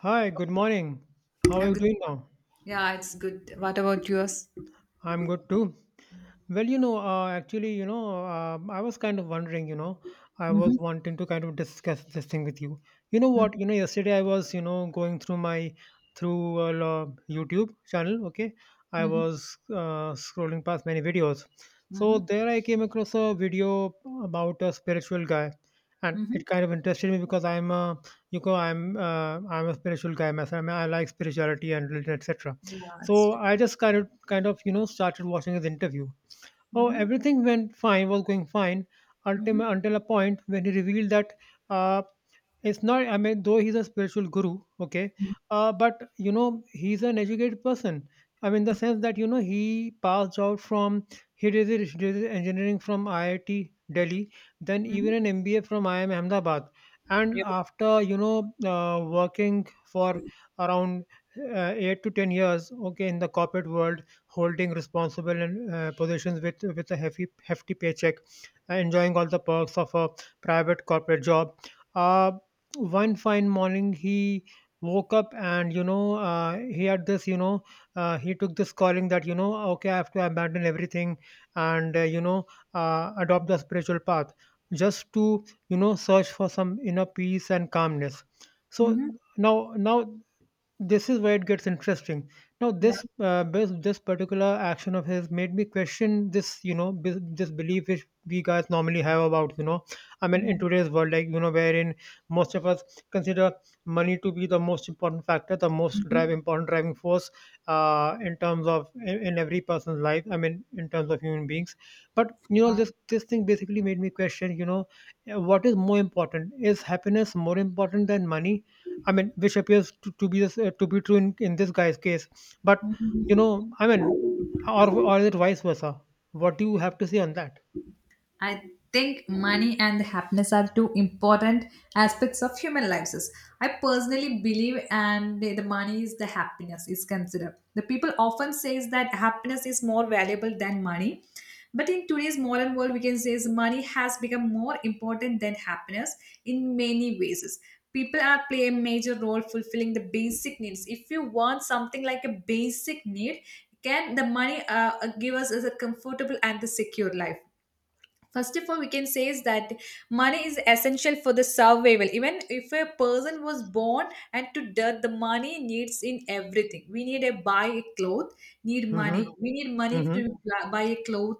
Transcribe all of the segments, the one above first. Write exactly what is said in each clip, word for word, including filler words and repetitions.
Hi, good morning. How are A you good, doing now? yeah, it's good. What about yours? I'm good too. Well, you know, uh, actually, you know, uh, I was kind of wondering, you know, I was Mhm, wanting to kind of discuss this thing with you. You know mhm, what? You know, yesterday I was, you know, going through my through uh, lo- YouTube channel. Okay, I mm-hmm, was uh, scrolling past many videos, so mm-hmm, there I came across a video about a spiritual guy, and mm-hmm, it kind of interested me because I'm a, you know, I'm uh, I'm a spiritual guy myself. I, mean, I like spirituality and religion, et cetera. yeah, it's So good. I just kind of kind of you know started watching his interview. Oh, Mm-hmm, everything went fine, was going fine mm-hmm, ultim- until a point when he revealed that uh, it's not, I mean, though he's a spiritual guru, okay, mm, uh, but you know, he's an educated person. I mean, the sense that, you know, he passed out from, he did, his- did his engineering from I I T Delhi, then mm-hmm, even an M B A from I I M Ahmedabad. And yeah, after, you know, uh, working for around uh, eight to ten years, okay, in the corporate world, holding responsible and uh, positions with with a hefty hefty paycheck, uh, enjoying all the perks of a private corporate job. Uh, One fine morning, he woke up and you know uh, he had this you know uh, he took this calling that you know okay I have to abandon everything and uh, you know uh, adopt the spiritual path just to you know search for some inner peace and calmness. So mm-hmm, now now this is where it gets interesting. Now yeah, this uh, this, this particular action of his made me question this you know b- this belief which we guys normally have about you know I mean in mhm, today's world like you know wherein most of us consider money to be the most important factor, the most drive mhm, important driving force uh, in terms of in, in every person's life, I mean in terms of human beings. But you know this this thing basically made me question you know, what is more important? Is happiness more important than money? I mean, which appears to, to be this, uh, to be true in, in this guy's case. But you mhm. know, I mean, or or is it vice versa? What do you have to say on that? I think money and happiness are two important aspects of human lives. I personally believe, and the money is the happiness is considered. The people often says that happiness is more valuable than money, but in today's modern world, we can say is money has become more important than happiness in many ways. People are play a major role fulfilling the basic needs. If you want something like a basic need, can the money uh, give us is a comfortable and the secure life? First of all we can say is that money is essential for the survival, even if a person was born and to death the money needs in everything. We need a buy a cloth, need money, Mm-hmm. we need money Mm-hmm. to buy a cloth,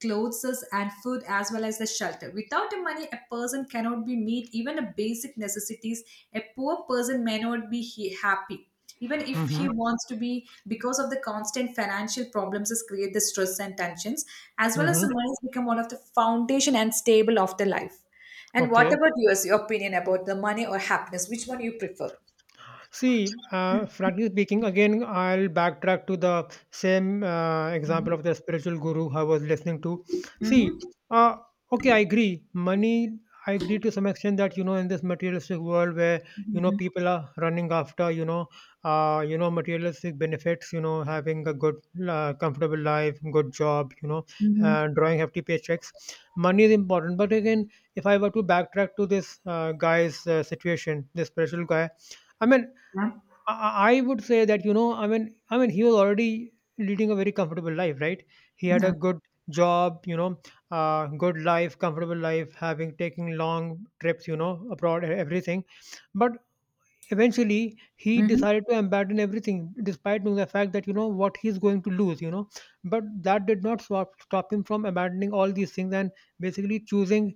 clothes and food as well as the shelter. Without the money a person cannot be meet even a basic necessities. A poor person may not be he- happy even if Mm-hmm. he wants to be, because of the constant financial problems is create the stress and tensions, as well as Mm-hmm. the money has become one of the foundation and stable of the life. And what Okay. about yours, your opinion about the money or happiness, which one you prefer? See, uh, frankly speaking, again, I'll backtrack to the same uh, example of the spiritual guru I was listening to. See, Mm-hmm, uh, okay, I agree. Money, I agree to some extent that you know, in this materialistic world where you know mm-hmm, people are running after you know, uh, you know, materialistic benefits. You know, having a good, uh, comfortable life, good job. You know, uh, mm-hmm, drawing hefty paychecks. Money is important, but again, if I were to backtrack to this uh, guy's uh, situation, this spiritual guy. I mean, yeah, I I- I would say that you know, I mean, I mean, he was already leading a very comfortable life, right? He had a yeah, good job, you know, uh, good life, comfortable life, having taking long trips, you know, abroad, e- everything. But eventually, he mm-hmm, decided to abandon everything, despite knowing the fact that you know what he's going to lose, you know. But that did not stop stop him from abandoning all these things and basically choosing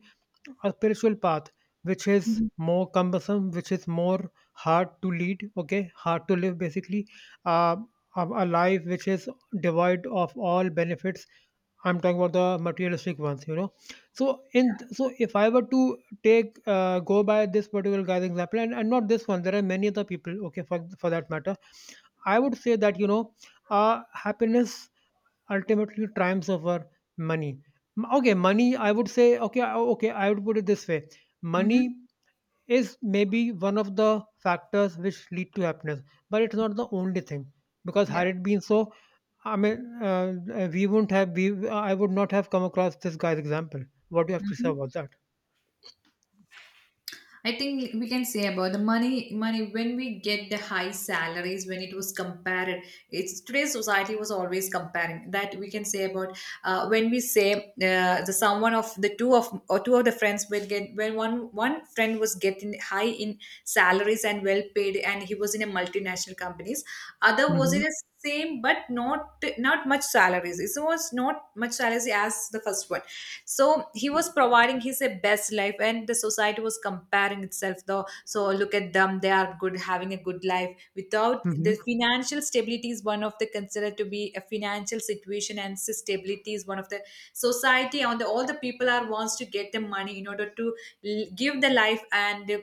a spiritual path which is mm-hmm, more cumbersome, which is more hard to lead, okay, hard to live basically. Uh, a a life which is devoid of all benefits. I'm talking about the materialistic ones, you know. So in so if I were to take uh, go by this particular guy's example, and, and not this one, there are many other people, okay, for for that matter. I would say that you know, uh, happiness ultimately triumphs over money. M- Okay, money, I would say, okay, I- okay, I would put it this way. hmm, Money is maybe one of the factors which lead to happiness, but it's not the only thing. Because yeah, yeah, had it been so, I mean, uh, uh, we wouldn't have, we, I would not have come across this guy's example. What do you have mm, to hmm, mm, say hmm, yeah. about that? I think we can say about the money. Money when we get the high salaries, when it was compared, it's today's society was always comparing. That we can say about uh, when we say uh, the someone of the two of or two of the friends will get, when one one friend was getting high in salaries and well paid, and he was in a multinational companies. Other was Mm-hmm. in a same but not not much salaries. It was not much salaries as the first one. So he was providing his uh, best life and the society was comparing itself, though, so look at them, they are good having a good life without Mm-hmm. the financial stability is one of the considered to be a financial situation and s- stability is one of the society on the all the people are wants to get the money in order to l- give the life and uh,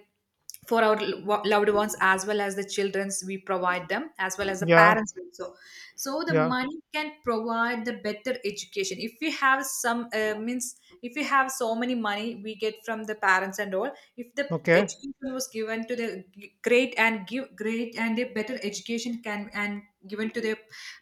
for our lo- loved ones as well as the childrens. We provide them as well as the Yeah. parents also, so the Yeah. money can provide the better education if we have some uh, means. If we have so many money we get from the parents and all, if the Okay. education was given to the g- great and give great and a better education can and given to the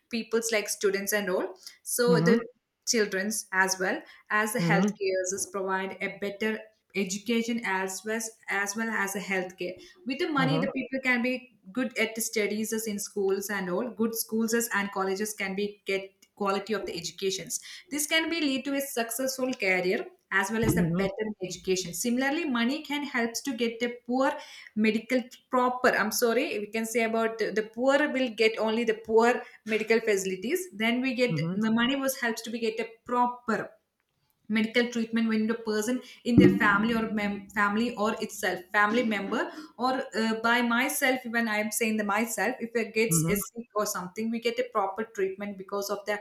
people's like students and all. So the Mm-hmm. children's as well as the Mm-hmm. healthcare is provide a better education, as well as, as well as a healthcare with the money. Uh-huh. The people can be good at the studies as in schools and all, good schools as and colleges can be get quality of the educations. This can be lead to a successful career, as well as a Mm-hmm. better education. Similarly money can helps to get the poor medical proper. I'm sorry, we can say about the, the poor will get only the poor medical facilities. Then we get Mm-hmm. the money was helps to be get a proper medical treatment when the person in their family or mem- family or itself family member, or uh, by myself, when I am saying the myself, if it gets a Mm-hmm. sick or something we get a proper treatment because of the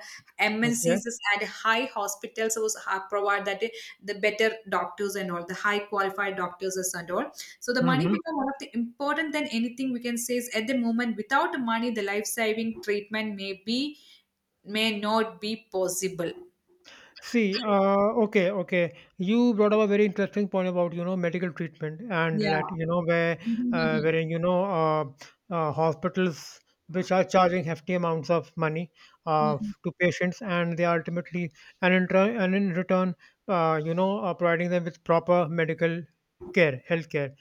Okay. M N Cs at high hospitals was ha- provide that uh, the better doctors and all, the high qualified doctors and all. So the money Mm-hmm. become one of the important than anything. We can say is at the moment without the money the life saving treatment may be may not be possible. See, uh, okay, okay. You brought up a very interesting point about, you know, medical treatment and that, Yeah. you know, where, uh, wherein, you know, uh, uh, hospitals which are charging hefty amounts of money uh, Mhm, to patients and they are ultimately, and in, turn, and in return, uh, you know, uh, providing them with proper medical care, healthcare.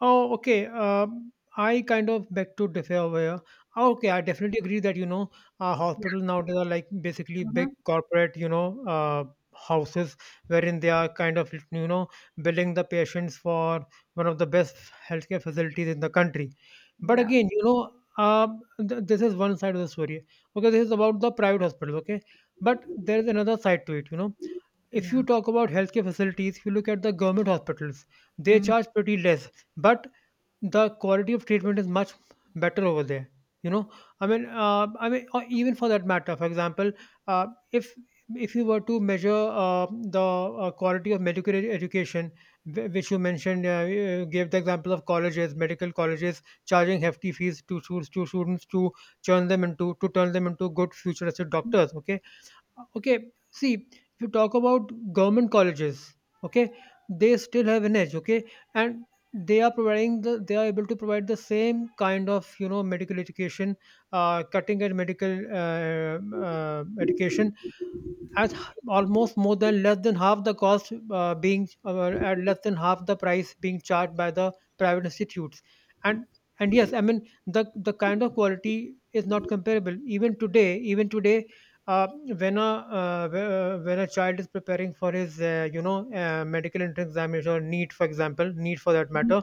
Oh, okay. Um, I kind of beg to differ where. Oh, okay, I definitely agree that you know, uh, yeah, hospitals nowadays are like basically big mhm, corporate, you know, uh, houses wherein they are kind of you know billing the patients for one of the best healthcare facilities in the country. But yeah, again, you know, um, th- this is one side of the story. Okay, this is about the private hospitals. Okay, but there is another side to it. You know, if you yeah, talk about healthcare facilities, if you look at the government hospitals, they mhm, charge pretty less, but the quality of treatment is much better over there, you know. I mean uh, I mean, or even for that matter, for example, uh, if if you were to measure uh, the uh, quality of medical edu- education, wh- which you mentioned. Uh, you gave the example of colleges, medical colleges charging hefty fees to, stu- to students, to turn them into to turn them into good future as doctors, okay. Okay, see, if you talk about government colleges, okay, they still have an edge, okay, and they are providing the they are able to provide the same kind of you know medical education, uh, cutting edge medical uh, uh, education at h- almost more than less than half the cost uh, being uh, at less than half the price being charged by the private institutes. and and yes, I mean, the the kind of quality is not comparable. even today even today, uh, when a uh, wh- uh, when a child is preparing for his uh, you know uh, medical entrance examination or NEET, for example NEET for that mhm, matter,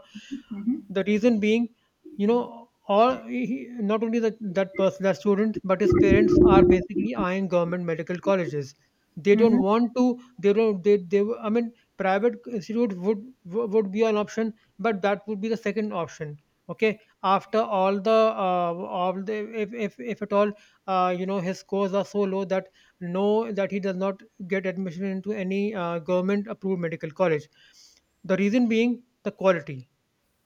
mhm, the reason being you know, all he- not only that that person, that student, but his parents are basically eyeing government medical colleges. They don't want to. They don't. They. They. I mean, private institute would would be an option, but that would be the second option. Okay. After all the uh, all the if if if at all uh, you know his scores are so low that no that he does not get admission into any uh, government approved medical college. The reason being the quality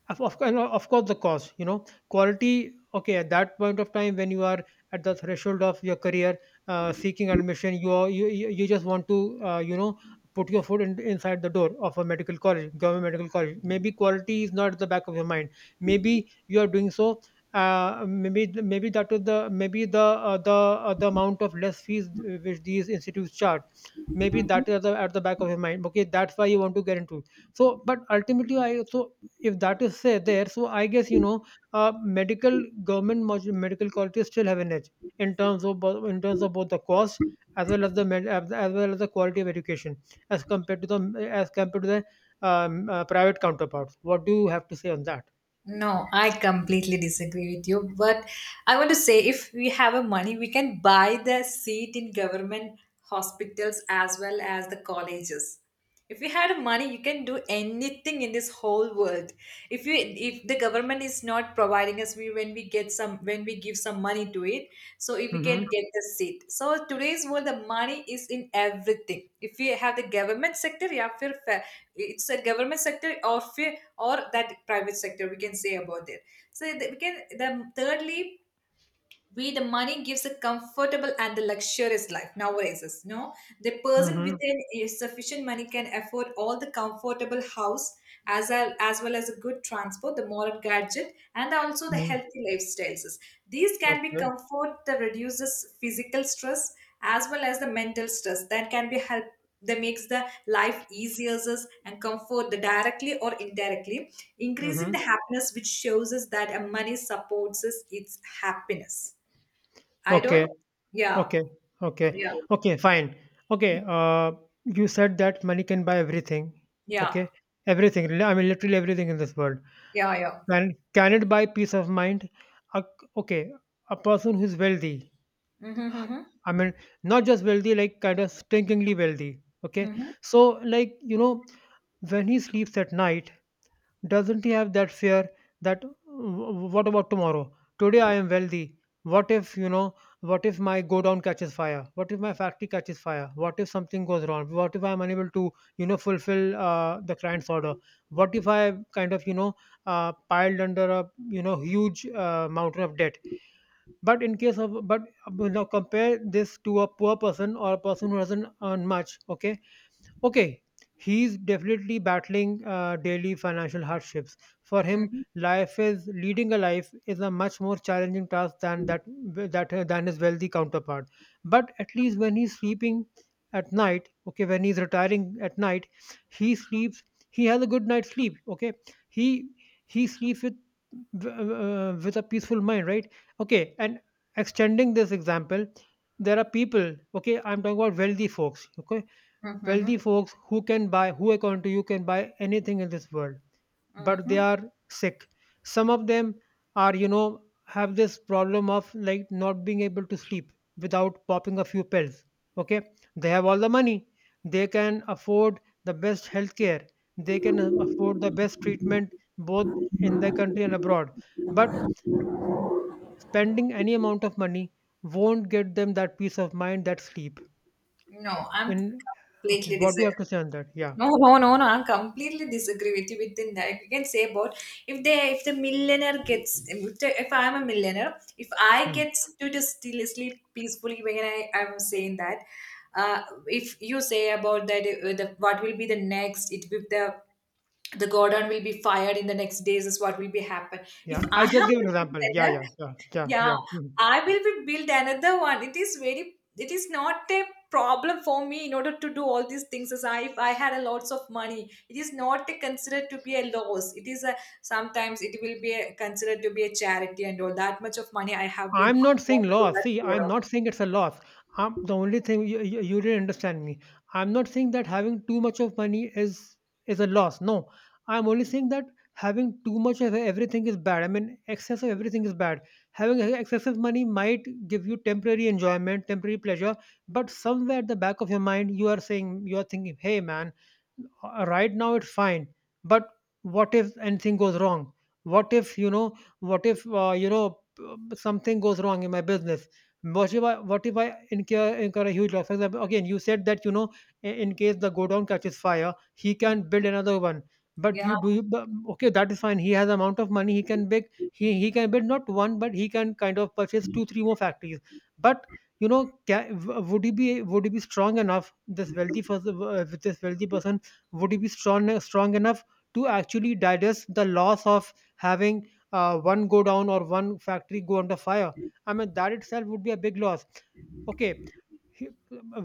of, of, course- of course the cost, you know, quality, okay, at that point of time when you are at the threshold of your career uh, seeking admission, you are you, you you just want to uh, you know put your foot in, inside the door of a medical college, government medical college. Maybe quality is not at the back of your mind, maybe you are doing so uh, maybe maybe that is the maybe the uh, the uh, the amount of less fees which these institutes charge. Maybe mhm. that is at the, at the back of your mind, okay. That's why you want to get into. So but ultimately, I so if that is say there, so I guess you know, uh, medical government mod- medical colleges still have an edge in terms of bo- in terms of both the cost as well as the med- as as well as the quality of education as compared to the as compared to the um, uh, private counterparts. What do you have to say on that? No, I completely disagree with you. But I want to say if we have a money, we can buy the seat in government hospitals as well as the colleges. If you had money you can do anything in this whole world. If you, if the government is not providing us, we, when we get some, when we give some money to it, so if we can Mm-hmm. get the seat, so today's world the money is in everything. If you have the government sector, yeah, फिर fa- it's a government sector, or फिर- or that private sector we can say about it. So the- we can the thirdly we the money gives a comfortable and the luxurious life nowadays is no. The person with Mm-hmm. an a sufficient money can afford all the comfortable house as well as well as a good transport, the modern gadget and also the Mm-hmm. healthy lifestyles. These can be Okay. comfort that reduces physical stress as well as the mental stress that can be help, that makes the life easier is, and comfort the directly or indirectly increasing Mm-hmm. the happiness, which shows us that a money supports us its happiness. I Okay. don't. Yeah, Okay. Okay. yeah, Okay fine. Okay. Uh, you said that money can buy everything. yeah, Okay, everything, li- I mean literally everything in this world. yeah, yeah, Can can it buy peace of mind? A, okay, a person who's wealthy. mm-hmm, mm-hmm, I mean, not just wealthy, like kind of stinkingly wealthy. Okay, mm-hmm, so like you know, when he sleeps at night, doesn't he have that fear that "W- what about tomorrow? Today I am wealthy. What if, you know, what if my go down catches fire? What if my factory catches fire? What if something goes wrong? What if I'm unable to, you know, fulfill uh, the client's order? What if I am kind of, you know, uh, piled under a, you know, huge uh, mountain of debt? But in case of, but uh, now compare this to a poor person or a person who doesn't earn much, okay? Okay, he's definitely battling uh, daily financial hardships. For him, mm-hmm, life is leading a life is a much more challenging task than that that uh, than his wealthy counterpart. But at least when he's sleeping at night, okay, when he's retiring at night, he sleeps. He has a good night's sleep. Okay, he he sleeps with uh, with a peaceful mind, right? Okay, and extending this example, there are people. Okay, I'm talking about wealthy folks. Okay, wealthy mm-hmm, folks who can buy who according to you can buy anything in this world, but they hmm. are sick. Some of them are, you know, have this problem of like not being able to sleep without popping a few pills. Okay, they have all the money. They can afford the best healthcare. They can um, afford the best treatment, both in the country and abroad. But spending any amount of money won't get them that peace of mind, that sleep No, I'm in. Okay, completely what do you disagree. have to say on that? No, no, no, no. I completely disagree with you. Within that, you can say about if they, if the millionaire gets, if, the, if I'm a millionaire, if I Yeah. get to just still sleep peacefully, when I I'm saying that, uh, if you say about that, uh, the, what will be the next? It with the the Gordon will be fired in the next days, is what will be happen. If Yeah, I I am just give an a example. Yeah, billionaire, yeah, yeah, yeah, yeah, yeah. Mhm. I will be build another one. It is very, it is not a problem for me in order to do all these things as I, if I had a lots of money. It is not a, considered to be a loss. It is a, sometimes it will be a, considered to be a charity, and all that much of money I have been I'm not saying going through loss. that See, I'm Gordon. not saying it's a loss. Um, the only thing, you, you, you didn't understand me. I'm not saying that having too much of money is is a loss. No, I'm only saying that having too much of everything is bad. I mean, excess of everything is bad. Having excessive money might give you temporary enjoyment, temporary pleasure, but somewhere at the back of your mind, you are saying, you are thinking, "Hey, man, uh, right now it's fine, but what if anything goes wrong? What if, you know, what if uh, you know p- something goes wrong in my business? What if I, what if I incur, incur a huge loss? For example, again, you said that, you know, i- in case the godown catches fire, he can build another one. But you Yeah. do you, but- Okay, that is fine. He has amount of money. He can big, he, he can build not one, but he can kind of purchase two three more factories. But, you know, ca- would he be would he be strong enough, this wealthy person, uh, this wealthy person? Would he be strong strong enough to actually digest the loss of having uh, one go down or one factory go under fire? I mean, that itself would be a big loss. Okay, he-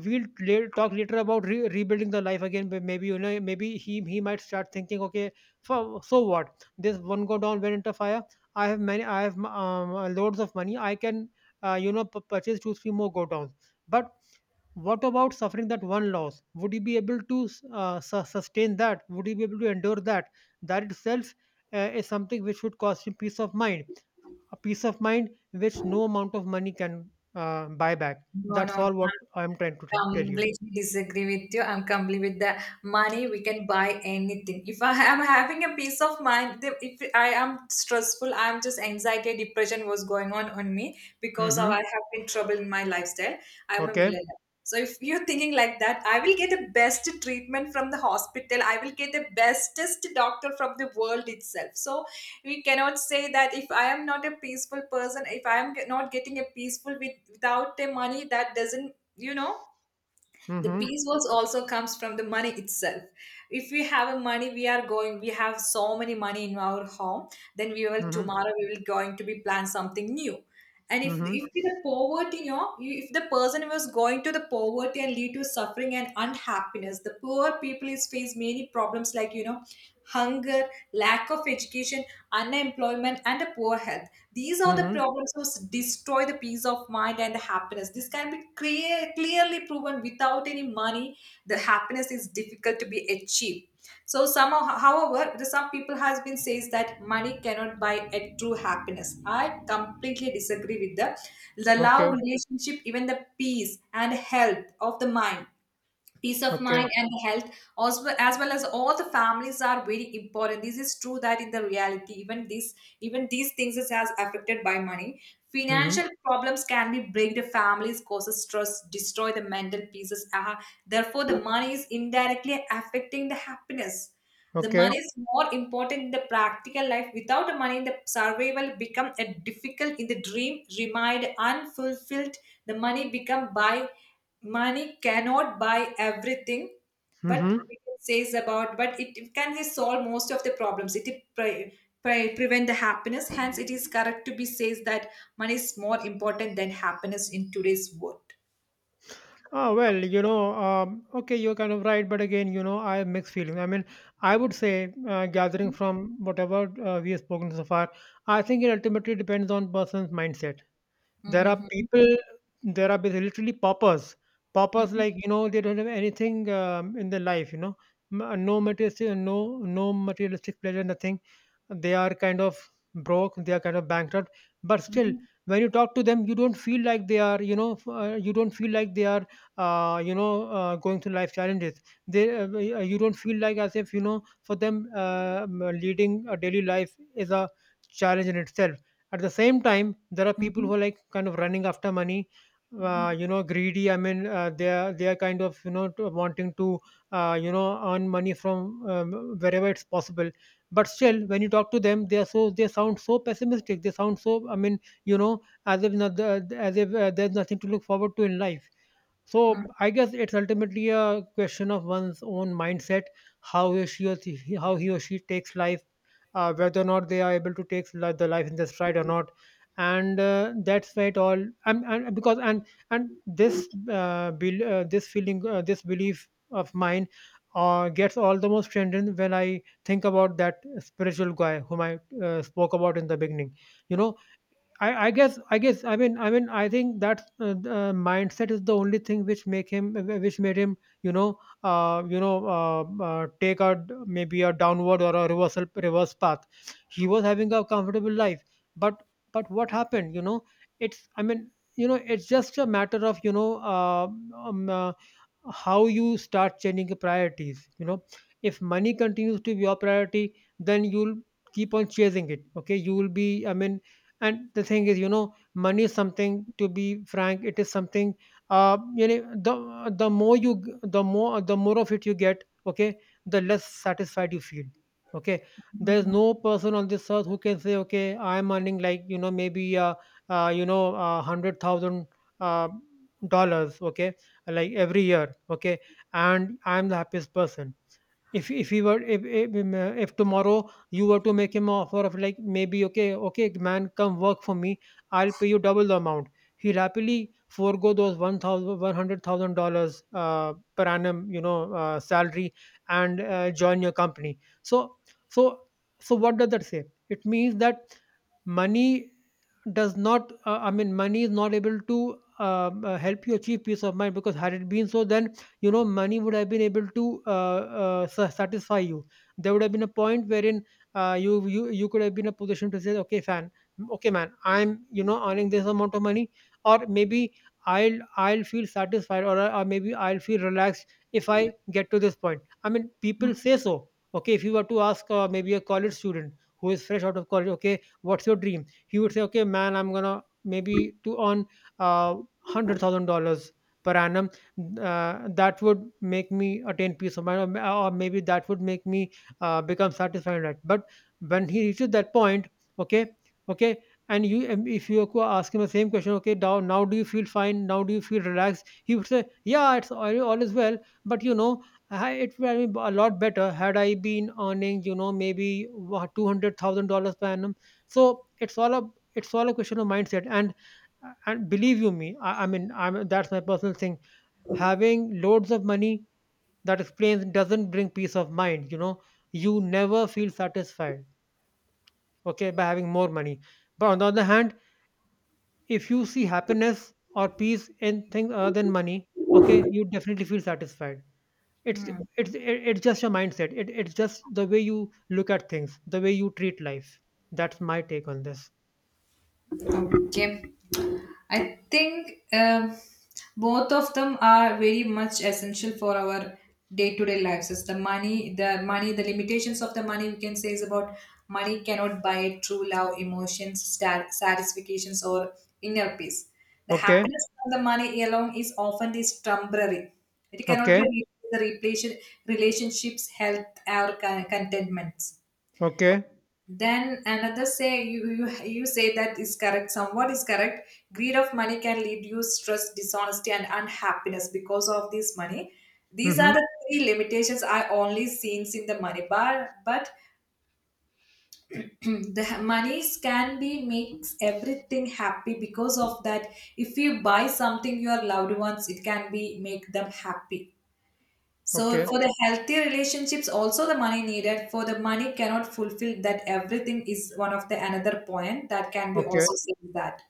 we'll la- talk later about re- rebuilding the life again. But maybe, you know, maybe he he might start thinking, okay, so, so what, this one go down went into fire? I have many, I have um, loads of money. I can uh, you know, p- purchase two three more go downs. But what about suffering that one loss? Would you be able to uh, su- sustain that? Would you be able to endure that? That itself uh, is something which would cost you peace of mind, a peace of mind which no amount of money can uh, buy back. No, That's no, no. all what I'm trying to t- tell you. Completely disagree with you. I'm completely with the money. We can buy anything. If I am having a peace of mind, the- if I am stressful, I'm just anxiety, depression was going on on me because of I Mm-hmm. have been trouble in my lifestyle. I'm a Okay. millionaire. So if you're thinking like that, I will get the best treatment from the hospital. I will get the bestest doctor from the world itself. So we cannot say that if I am not a peaceful person, if I am not getting a peaceful with, without the money, that doesn't you know the Mm-hmm. peace was also comes from the money itself. If we have a money we are going, we have so many money in our home, then we will Mm-hmm. tomorrow we will going to be plan something new. And if Mm-hmm. if the poverty you know you- if the person was going to the poverty and lead to suffering and unhappiness, the poor people is face many problems like you know hunger, lack of education, unemployment, and a poor health. These are the Mm-hmm. problems which destroy the peace of mind and the happiness. This can be clear, clearly proven without any money, the happiness is difficult to be achieved. So somehow, however, the some people has been says that money cannot buy a true happiness. I completely disagree with the the Okay. love relationship, even the peace and health of the mind, peace of mind Okay. and the health as well, as well as all the families are very important. This is true that in the reality even this, even these things is as affected by money. Mm-hmm. Financial problems can be break the families, causes stress, destroy the mental pieces, uh, therefore the money is indirectly affecting the happiness. The Okay. money is more important in the practical life. Without the money, the survival become a difficult in the dream, remind unfulfilled. The money become buy. Money cannot buy everything, but Mm-hmm. it says about. But it it can solve most of the problems. It pre- pre- prevent the happiness. Hence, it is correct to be says that money is more important than happiness in today's world. Oh, well, you know, um, okay, you're kind of right, but again, you know, I have mixed feelings. I mean, I would say, uh, gathering Mhm, from whatever uh, we have spoken so far, I think it ultimately depends on person's mindset. There are mhm, people, there are bas- literally paupers. Paupers, mhm, like, you know, they don't have anything um, in their life, you know, M- uh, no materialistic, uh, no, no materialistic pleasure, nothing. They are kind of broke, they are kind of bankrupt. But still, mhm, when you talk to them, you don't feel like they are, you know, f- uh, you don't feel like they are, uh, you know, uh, going through life challenges. They, uh, y- uh, you don't feel like as if, you know, for them, uh, m- leading a daily life is a challenge in itself. At the same time, there are people who mhm, are like kind of running after money, mhm, uh, you know, greedy. I mean, uh, they are they are kind of, you know, to- wanting to uh, you know, earn money from um, wherever it's possible. But still, when you talk to them, they are so they sound so pessimistic. They sound so, I mean, you know, as if not, as if uh, there's nothing to look forward to in life. So mhm, I guess it's ultimately a question of one's own mindset, how he or she, or she- how he or she takes life, uh, whether or not they are able to take li- the life in their stride or not, and uh, that's why it all. And, and because and and this uh, bel uh, this feeling, uh, this belief of mine, uh, gets all the more strengthened when I think about that spiritual guy whom I uh, spoke about in the beginning. You know, I, I guess I guess I mean I mean I think that uh, the, uh, mindset is the only thing which make him wh- which made him, you know, uh, you know uh, uh, take a d- maybe a downward or a reversal reverse path. He was having a comfortable life, but but what happened? You know, it's, I mean, you know, it's just a matter of, you know, uh, um, uh, how you start changing the priorities, you know. If money continues to be your priority, then you'll keep on chasing it. Okay, you will be, I mean, and the thing is, you know, money is something, to be frank, it is something uh you know the the more you g- the more the more of it you get, okay, the less satisfied you feel. Okay, there is no person on this earth who can say, okay, I am earning, like, you know, maybe uh, uh you know uh, one hundred thousand uh, dollars, okay, like every year, okay, and I'm the happiest person. if if he were, if, if um, uh, if tomorrow you were to make him an offer of like, maybe, okay, okay, man, come work for me, I'll pay you double the amount, he'll happily forego those one thousand one hundred thousand dollars uh, per annum, you know, uh, salary, and uh, join your company. So so so what does that say? It means that money does not, uh, I mean, money is not able to um, uh, help you achieve peace of mind, because had it been so, then, you know, money would have been able to uh, uh, sa- satisfy you. There would have been a point wherein uh, you you you could have been in a position to say, okay, fan, okay, man, I'm, you know, earning this amount of money or maybe i'll I'll feel satisfied, or, or maybe I'll feel relaxed if I get to this point. I mean, people say so. Okay, if you were to ask, uh, maybe a college student who is fresh out of college, okay, what's your dream? He would say, okay, man, I'm gonna maybe to earn uh, one hundred thousand dollars per annum, uh, that would make me attain peace of mind, or, or maybe that would make me uh, become satisfied in life. But when he reaches that point, okay, okay, and you, and if you co- ask him the same question, okay, now, now, do you feel fine? Now do you feel relaxed? He would say, yeah, it's all, all is well. But, you know, I- it would have been a lot better had I been earning, you know, maybe two hundred thousand dollars per annum. So it's all a, it's all a question of mindset. And and believe you me, I, I mean, I'm, that's my personal thing. Having loads of money that explains doesn't bring peace of mind. You know, you never feel satisfied. Okay, by having more money. But on the other hand, if you see happiness or peace in things other than money, okay, you definitely feel satisfied. It's mhm. it's it- it's just your mindset. It, it's just the way you look at things, the way you treat life. That's my take on this. Okay. I think um, both of them are very much essential for our day-to-day lives. It's the money, the money, the limitations of the money we can say is about money cannot buy true love, emotions, star- satisfactions, or inner peace. The Okay. happiness of the money alone is often is temporary. It cannot be Okay. replaced with the replaced relationships, health, or con- contentments. Okay. Then another say you, you you say that is correct. Somewhat is correct. Greed of money can lead you stress, dishonesty, and unhappiness because of this money. These are Mhm. the three limitations I only seen in the money bar. But the monies can be makes everything happy because of that. If you buy something your loved ones, it can be make them happy. So Okay. for the healthy relationships, also the money needed for the money cannot fulfill that everything is one of the another point that can be Okay. also seen that.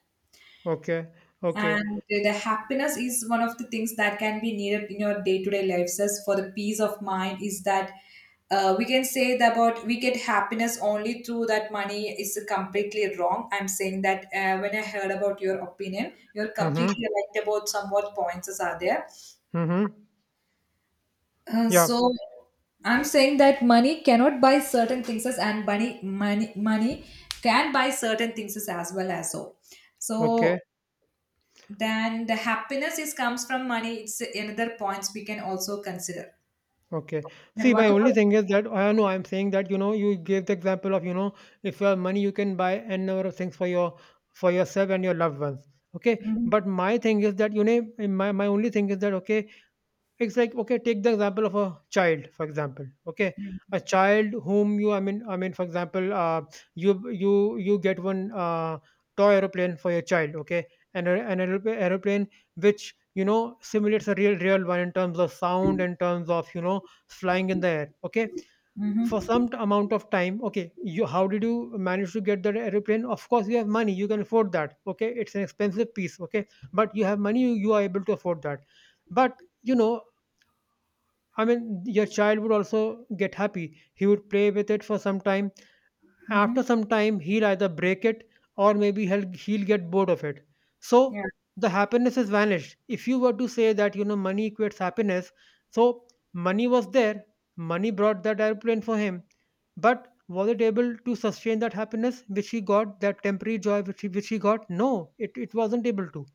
Okay. Okay. And the happiness is one of the things that can be needed in your day to day lives as for the peace of mind is that uh, we can say that about we get happiness only through that money is completely wrong. I'm saying that uh, when I heard about your opinion, you're Mhm. completely right about some what points are there. Mhm. Uh, Yeah. so I'm saying that money cannot buy certain things as and money money money can buy certain things as as well as so. So Okay. then the happiness is comes from money. It's another points we can also consider. Okay. Then See, what my only about? thing is that I know I'm saying that, you know, you gave the example of, you know, if you have money, you can buy n number of things for your for yourself and your loved ones. Okay. Mm-hmm. But my thing is that, you know, my my only thing is that, okay, it's like, okay, take the example of a child, for example. Okay, Mm-hmm. a child whom you, I mean, I mean, for example, uh, you you you get one uh, toy aeroplane for your child. Okay, and an aeroplane, aeroplane which, you know, simulates a real real one in terms of sound, in terms of, you know, flying in the air. Okay, for Mm-hmm. some t- amount of time, okay, you how did you manage to get that airplane? Of course, you have money, you can afford that. Okay, it's an expensive piece. Okay, but you have money, you, you are able to afford that. But you know I mean, your child would also get happy. He would play with it for some time. Mm-hmm. After some time, he'll either break it or maybe he'll, he'll get bored of it. Yeah. So the happiness is vanished. If you were to say that, you know, money equates happiness, so money was there, money brought that airplane for him, but was it able to sustain that happiness which he got, that temporary joy which he, which he got? No, it, it wasn't able to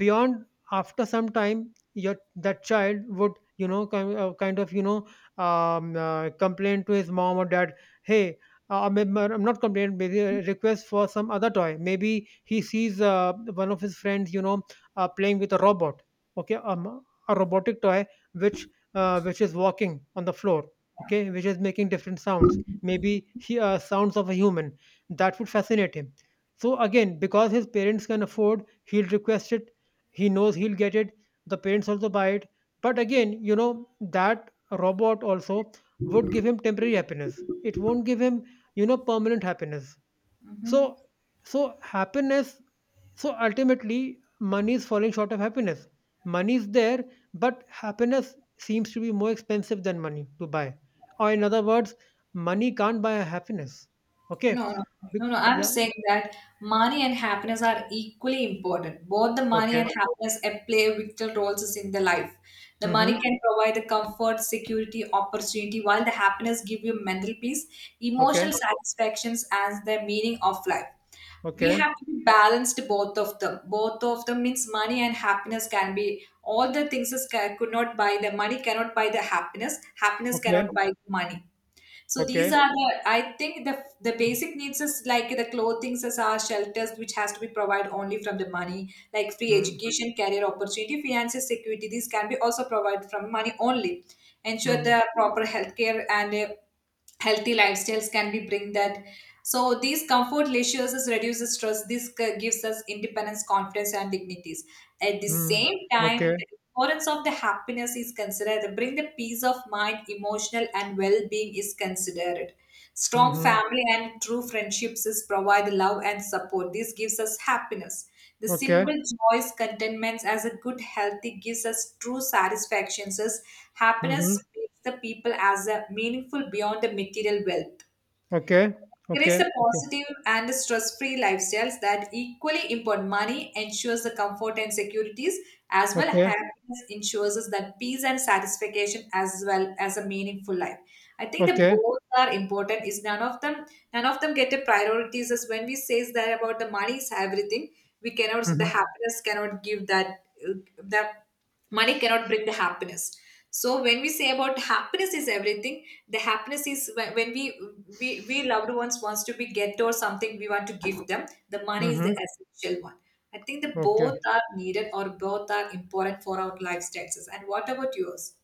beyond. After some time, your that child would you know kind, uh, kind of you know um, uh, complain to his mom or dad. Hey, uh, I mean, I'm not complaining. Maybe a request for some other toy. Maybe he sees uh, one of his friends, you know, uh, playing with a robot. Okay, um, a robotic toy which uh, which is walking on the floor. Okay, which is making different sounds. Maybe he, uh, sounds of a human. That would fascinate him. So again, because his parents can afford, he'll request it. He knows he'll get it. The parents also buy it, but again, you know, that robot also would give him temporary happiness. It won't give him, you know permanent happiness. so Mm-hmm. so happiness so ultimately, money is falling short of happiness. Money is there, but happiness seems to be more expensive than money to buy. Or in other words, money can't buy happiness. Okay. No, no, no, Be- no. I'm yeah. saying that money and happiness are equally important. Both the money Okay. and happiness and play vital roles in the life. The money Mm-hmm. can provide the comfort, security, opportunity, while the happiness give you mental peace, Okay. emotional satisfactions, and the meaning of life. We Okay. have to be balanced both of them. Both of them means money and happiness can be all the things is ca- could not buy the money cannot buy the happiness. Happiness Okay. cannot buy the money. So these Okay. are the, I think the the basic needs is like the clothing, as our shelters, which has to be provided only from the money, like free Hmm. education, career opportunity, finances, security. These can be also provided from money only. Ensure Mhm, the proper healthcare and uh, healthy lifestyles can be bring that. So these comfort leisures is reduces stress. This c- gives us independence, confidence, and dignities. At the mhm. same time, Okay. importance of the happiness is considered. Bring the peace of mind, emotional and well-being is considered. Strong Mhm. family and true friendships is provide love and support. This gives us happiness. The Okay. simple joys, contentments as a good healthy gives us true satisfactions. As Mhm. happiness makes the people as a meaningful beyond the material wealth. Okay. Increase Okay. the Okay. positive and stress-free lifestyles that equally import money ensures the comfort and securities as well Okay. happiness ensures us that peace and satisfaction as well as a meaningful life. I think the Okay. both are important. Is none of them none of them get a priorities as when we says that about the money is everything. We cannot the Mhm. happiness cannot give that that money cannot bring the happiness. So when we say about happiness is everything, the happiness is when, when we, we we loved ones wants to be get or something we want to give them. The money is the Mhm. essential one. I think the both Okay. are needed or both are important for our lifestyles. And what about yours?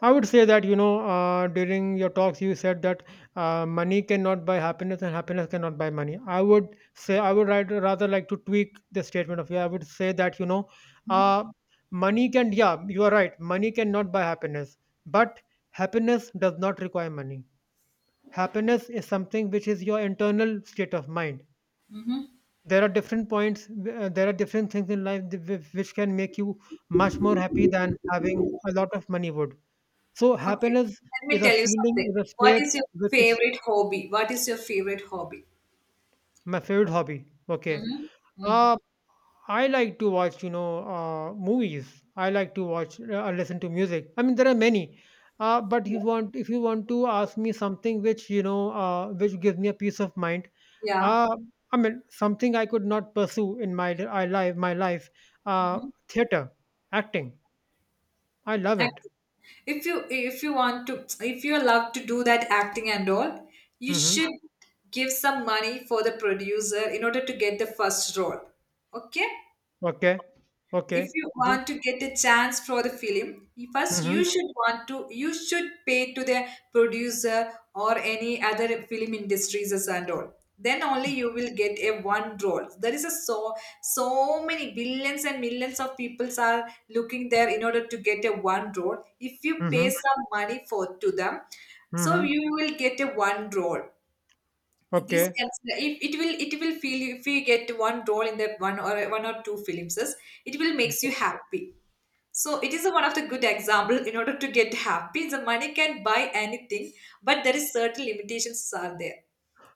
I would say that, you know, uh, during your talks, you said that uh, money cannot buy happiness and happiness cannot buy money. I would say, I would rather rather like to tweak the statement of you. I would say that, you know, Mm-hmm. uh, money can, yeah, you are right. Money cannot buy happiness, but happiness does not require money. Happiness is something which is your internal state of mind. there are different points uh, there are different things in life th- whi- which can make you much more happy than having a lot of money would. So Okay, happiness let is me a tell you feeling, something. is a What state, is your which is... favorite hobby? What is your favorite hobby? My favorite hobby? Okay. Mm-hmm. Mm. uh I like to watch, you know, uh, movies. I like to watch uh, uh, listen to music. I mean, there are many. Uh, but you want, if you want to ask me something which you know uh, which gives me a peace of mind, Yeah. uh, I mean, something I could not pursue in my li- I life my life. uh, Mm-hmm. Theater, acting. I love it. Acting. If you if you want to if you love to do that acting and all, you Mm-hmm. should give some money for the producer in order to get the first role. Okay? Okay. If Okay. you The- want to get a chance for the film, you- first you Mhm. should want to you should pay to the producer or any other film industries as and all, then only you will get a one role there is a so so many billions and millions of peoples are looking there in order to get a one role if you pay Mhm. some money for to them, so you Mhm. will get a one role. This Okay. can it, it will it will feel if you get one role in that one or one or two films, it will makes you happy. So it is one of the good example in order to get happy the money can buy anything, but there is certain limitations are there.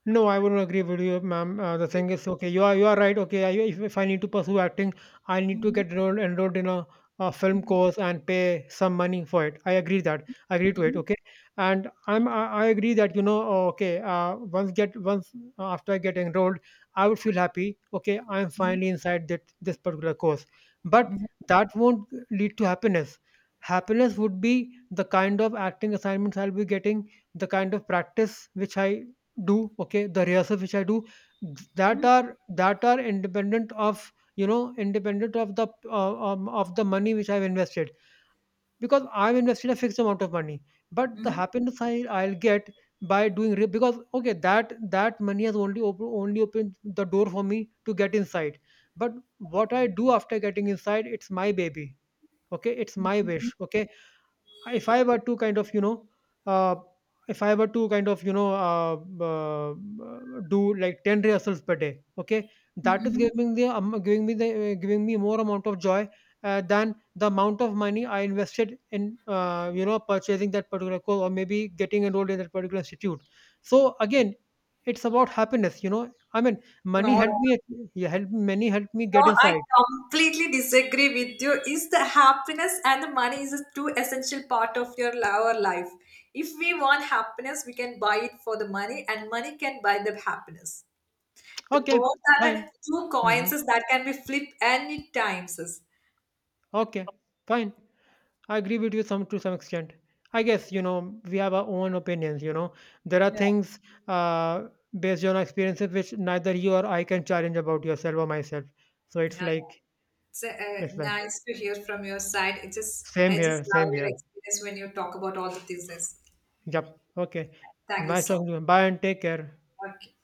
No, I wouldn't agree with you, ma'am. Uh, the thing is, okay, you are you are right. Okay, I, if, if I need to pursue acting, I need to Mhm, get enrolled, enrolled in a, a film mhm, course and pay some money for it. I agree that. I agree to it. mhm, Okay, and I'm I, I agree that. you know. uh, Okay, uh, once get once uh, after I get enrolled, I would feel happy. Okay, I'm finally inside that this particular course, but mhm, that won't lead to happiness. Happiness would be the kind of acting assignments I'll be getting, the kind of practice which I do, okay, the rehearsal which I do, th- that mhm, are that are independent of, you know, independent of the uh, um, of the money which I've invested, because I've invested a fixed amount of money. But the mhm, happiness I I'll get by doing re- because, okay, that that money has only op- only opened the door for me to get inside. But what I do after getting inside, it's my baby. Okay, it's my wish. Okay, if I were to kind of you know, uh, if I were to kind of you know uh, uh, do like ten rehearsals per day, okay, mhm, that is mhm. giving the um, giving me the uh, giving me more amount of joy uh, than the amount of money I invested in, uh, you know purchasing that particular course or maybe getting enrolled in that particular institute. So again, it's about happiness, you know. I mean, money no helped no. me. Yeah, help money helped me get No, I inside. completely disagree with you. Is the happiness and the money is a two essential part of your li- our life. If we want happiness, we can buy it for the money, and money can buy the happiness. The Okay, both are fine. the two Hmm. coins that can be flipped any times. Okay, fine. I agree with you some to some extent. I guess you know we have our own opinions. You know, there are Yeah. things, uh, based on our experiences which neither you or I can challenge about yourself or myself. So it's Yeah, like, it's uh, it's like nice to hear from your side. It just same I just here, love same your here. experience when you talk about all the things. Yep. Okay. Thank you Nice so talking much. to you. Bye and take care. Okay.